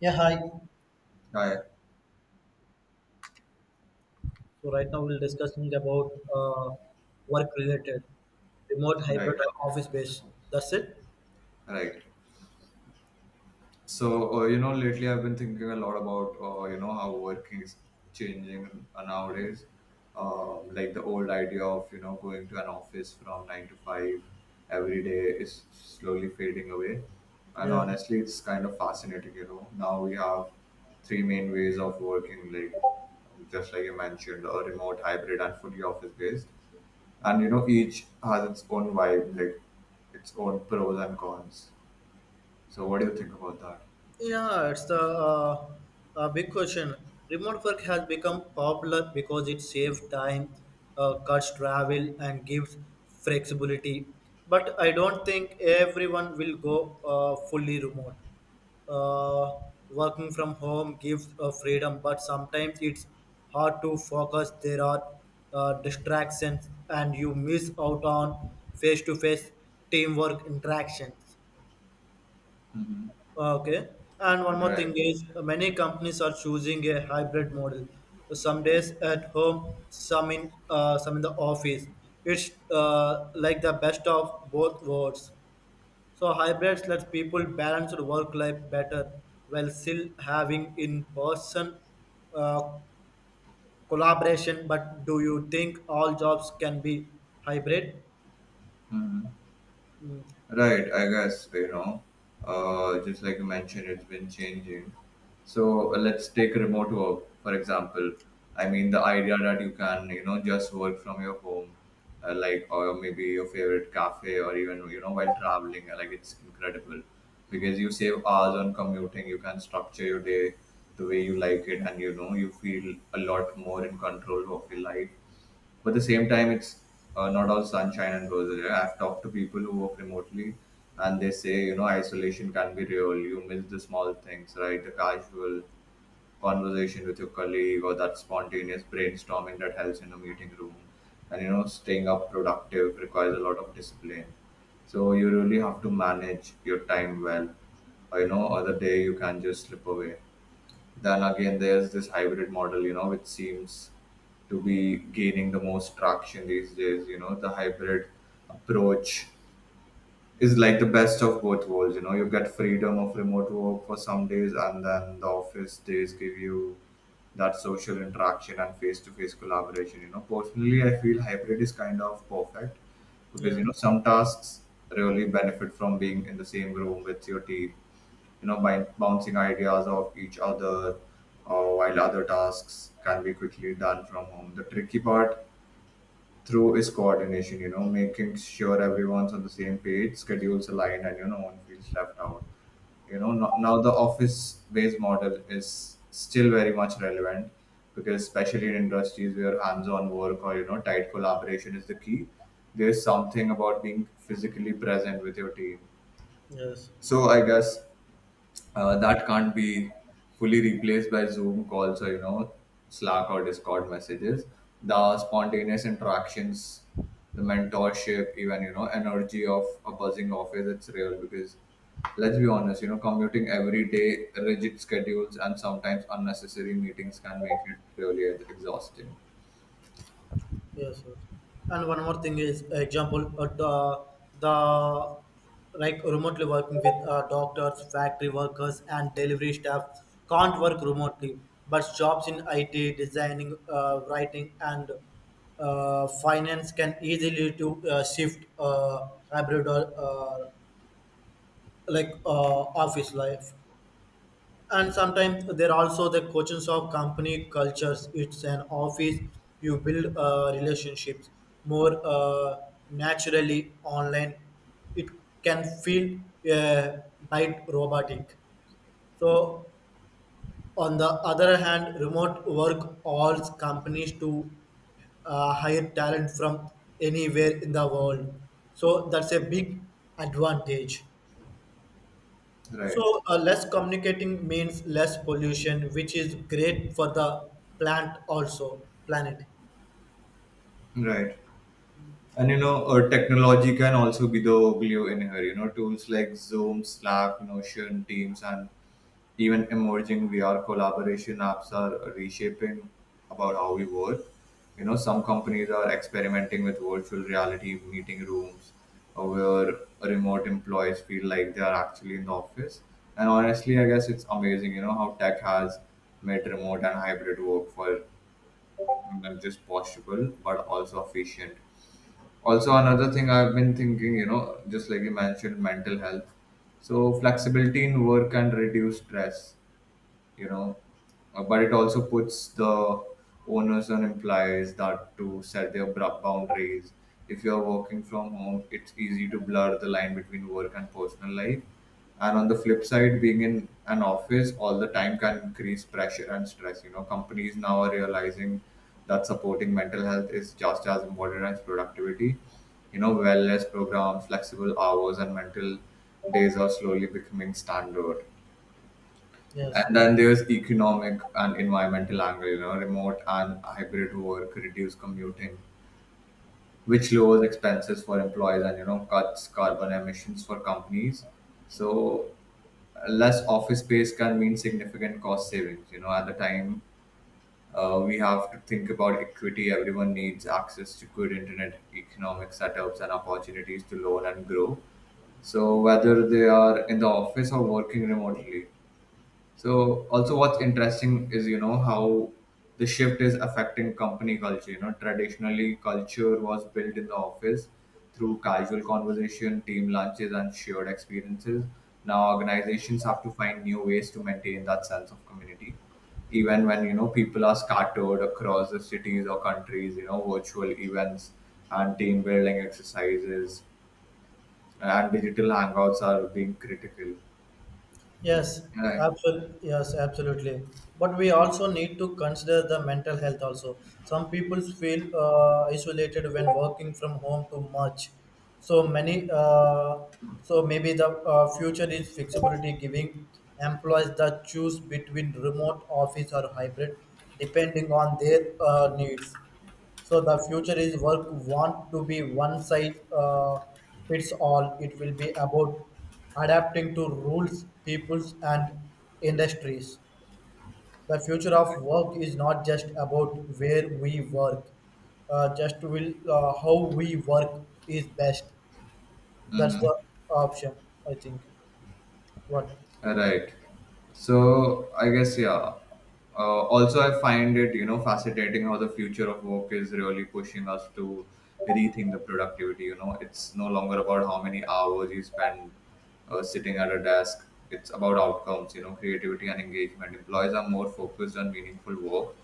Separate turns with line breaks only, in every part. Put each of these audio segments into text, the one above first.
Yeah, hi.
Right,
So right now we'll discussing about work related, remote, hybrid,
right,
or office based. That's it.
right. So, lately I've been thinking a lot about, how working is changing nowadays. Like the old idea of, going to an office from nine to five every day is slowly fading away. And
Yeah.
honestly, it's kind of fascinating. Now we have three main ways of working, like just like you mentioned, a remote, hybrid, and fully office based. And, each has its own vibe, like its own pros and cons. So what do you think about that?
Yeah, it's the big question. Remote work has become popular because it saves time, cuts travel, and gives flexibility. But I don't think everyone will go fully remote. Uh, Working from home gives freedom, but sometimes it's hard to focus. There are distractions, and you miss out on face to face teamwork interactions.
Hmm.
Okay. And one more
Right.
thing is many companies are choosing a hybrid model. Some days at home, some in the office. It's like the best of both worlds. So hybrids lets people balance their work life better while still having in person uh, collaboration. But do you think all jobs can be hybrid?
Hmm.
Mm,
Right, I guess, just like you mentioned, it's been changing. So let's take remote work, for example. I mean, the idea that you can, just work from your home, like, or maybe your favorite cafe, or even, while traveling, like, it's incredible because you save hours on commuting, you can structure your day the way you like it, and, you feel a lot more in control of your life. But at the same time it's not all sunshine and roses. Yeah, I've talked to people who work remotely, and they say, isolation can be real. You miss the small things, right? The casual conversation with your colleague, or that spontaneous brainstorming that helps in a meeting room. And you know staying up productive requires a lot of discipline, so you really have to manage your time well, or other day you can just slip away. Then again, there's this hybrid model, which seems to be gaining the most traction these days. The hybrid approach is like the best of both worlds. You get freedom of remote work for some days, and then the office days give you that social interaction and face to face collaboration. Personally, I feel hybrid is kind of perfect because,
yes,
some tasks really benefit from being in the same room with your team, by bouncing ideas off each other, while other tasks can be quickly done from home. The tricky part through is coordination, making sure everyone's on the same page, schedules aligned, and no one feels left out. You know no, Now the office based model is still very much relevant, because especially in industries where hands-on work or tight collaboration is the key, there's something about being physically present with your team.
yes.
So I guess that can't be fully replaced by Zoom calls or Slack or Discord messages. The spontaneous interactions, the mentorship, even energy of a buzzing office, it's real. Because let's be honest, commuting every day, rigid schedules, and sometimes unnecessary meetings can make it really exhausting.
Yes, yes. And one more thing is example the like remotely working with doctors, factory workers, and delivery staff can't work remotely. But jobs in IT, designing, writing, and finance can easily to shift hybrid or uh, office life. And sometimes there are also the coaches of company cultures it's an office. You build relationships more naturally. Online it can feel uh, bite robotic. So on the other hand, remote work allows companies to hire talent from anywhere in the world, so that's a big advantage. So,
Right.
less communicating means less pollution, which is great for the plant also, planet.
Right. And technology can also be the glue in here. Tools like Zoom, Slack, Notion, Teams, and even emerging VR collaboration apps are reshaping about how we work. Some companies are experimenting with virtual reality meeting rooms where remote employees feel like they are actually in the office. And honestly, I guess it's amazing, how tech has made remote and hybrid work for not just possible but also efficient. Also, another thing I've been thinking, just like you mentioned, mental health. So, flexibility in work can reduce stress. you know but it also puts the owners on employees that to set their boundaries. If you are working from home, it's easy to blur the line between work and personal life, and on the flip side, being in an office all the time can increase pressure and stress. Companies now are realizing that supporting mental health is just as important as productivity. Wellness programs, flexible hours, and mental days are slowly becoming standard.
Yes,
And then there's economic and environmental angle, remote and hybrid work, reduced commuting, which lowers expenses for employees and, cuts carbon emissions for companies. So less office space can mean significant cost savings. At the time, we have to think about equity. Everyone needs access to good internet, economic setups, and opportunities to learn and grow, so whether they are in the office or working remotely. So also what's interesting is, how the shift is affecting company culture. Traditionally culture was built in the office through casual conversation, team lunches, and shared experiences. Now organizations have to find new ways to maintain that sense of community, even when, people are scattered across the cities or countries. Virtual events and team building exercises and digital hangouts are being critical.
yes,
Yeah.
absolutely. Yes, absolutely. But we also need to consider the mental health also. Some people feel isolated when working from home too much. So many, uh, so maybe the future is flexibility, giving employees the choose between remote office or hybrid, depending on their needs. So the future is work want to be one size fits all. It will be about adapting to rules, peoples, and industries. The future of work is not just about where we work, just will how we work is best. That's the option, I think. What?
Right. So I guess, yeah. Also, I find it fascinating how the future of work is really pushing us to rethink the productivity. It's no longer about how many hours you spend sitting at a desk. It's about outcomes. Creativity and engagement. Employees are more focused on meaningful work,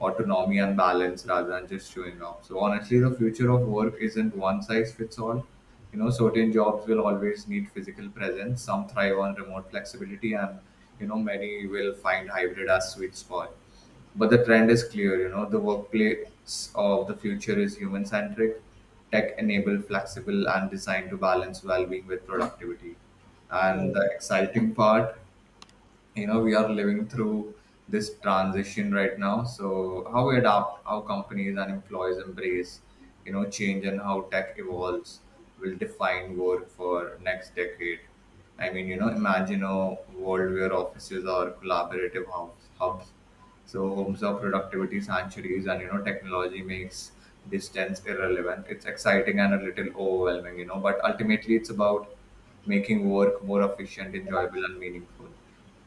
autonomy, and balance rather than just showing up. So honestly, the future of work isn't one size fits all. Certain jobs will always need physical presence. Some thrive on remote flexibility, and many will find hybrid as sweet spot. But the trend is clear. The workplace of the future is human-centric, tech-enabled, flexible, and designed to balance well-being with productivity. And the exciting part, we are living through this transition right now. So how we adapt, how companies and employees embrace, change, and how tech evolves will define work for next decade. I mean, imagine a world where offices are collaborative hubs. So homes are productivity sanctuaries, and technology makes distance irrelevant. It's exciting and a little overwhelming, but ultimately it's about making work more efficient, enjoyable, and meaningful.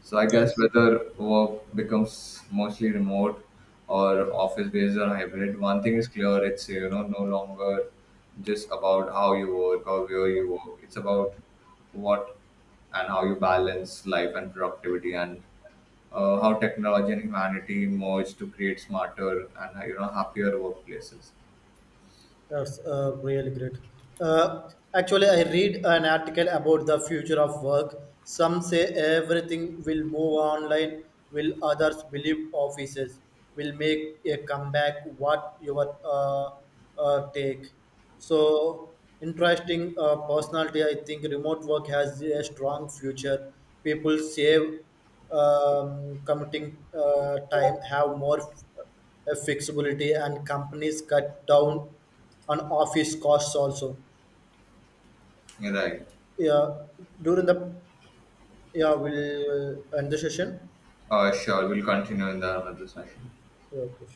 So I guess
Yes.
whether work becomes mostly remote or office based or hybrid, one thing is clear: it's no longer just about how you work or where you work. It's about what and how you balance life and productivity, and how technology and humanity merge to create smarter and happier workplaces.
That's really great. Uh, Actually, I read an article about the future of work. Some say everything will move online, will others believe offices will make a comeback? What your take? So interesting personality. I think remote work has a strong future. People save commuting time, have more flexibility, and companies cut down on office costs also.
Right.
Yeah, during the, yeah, we'll end the session.
Sure. We'll continue in the another session.
Yeah, okay.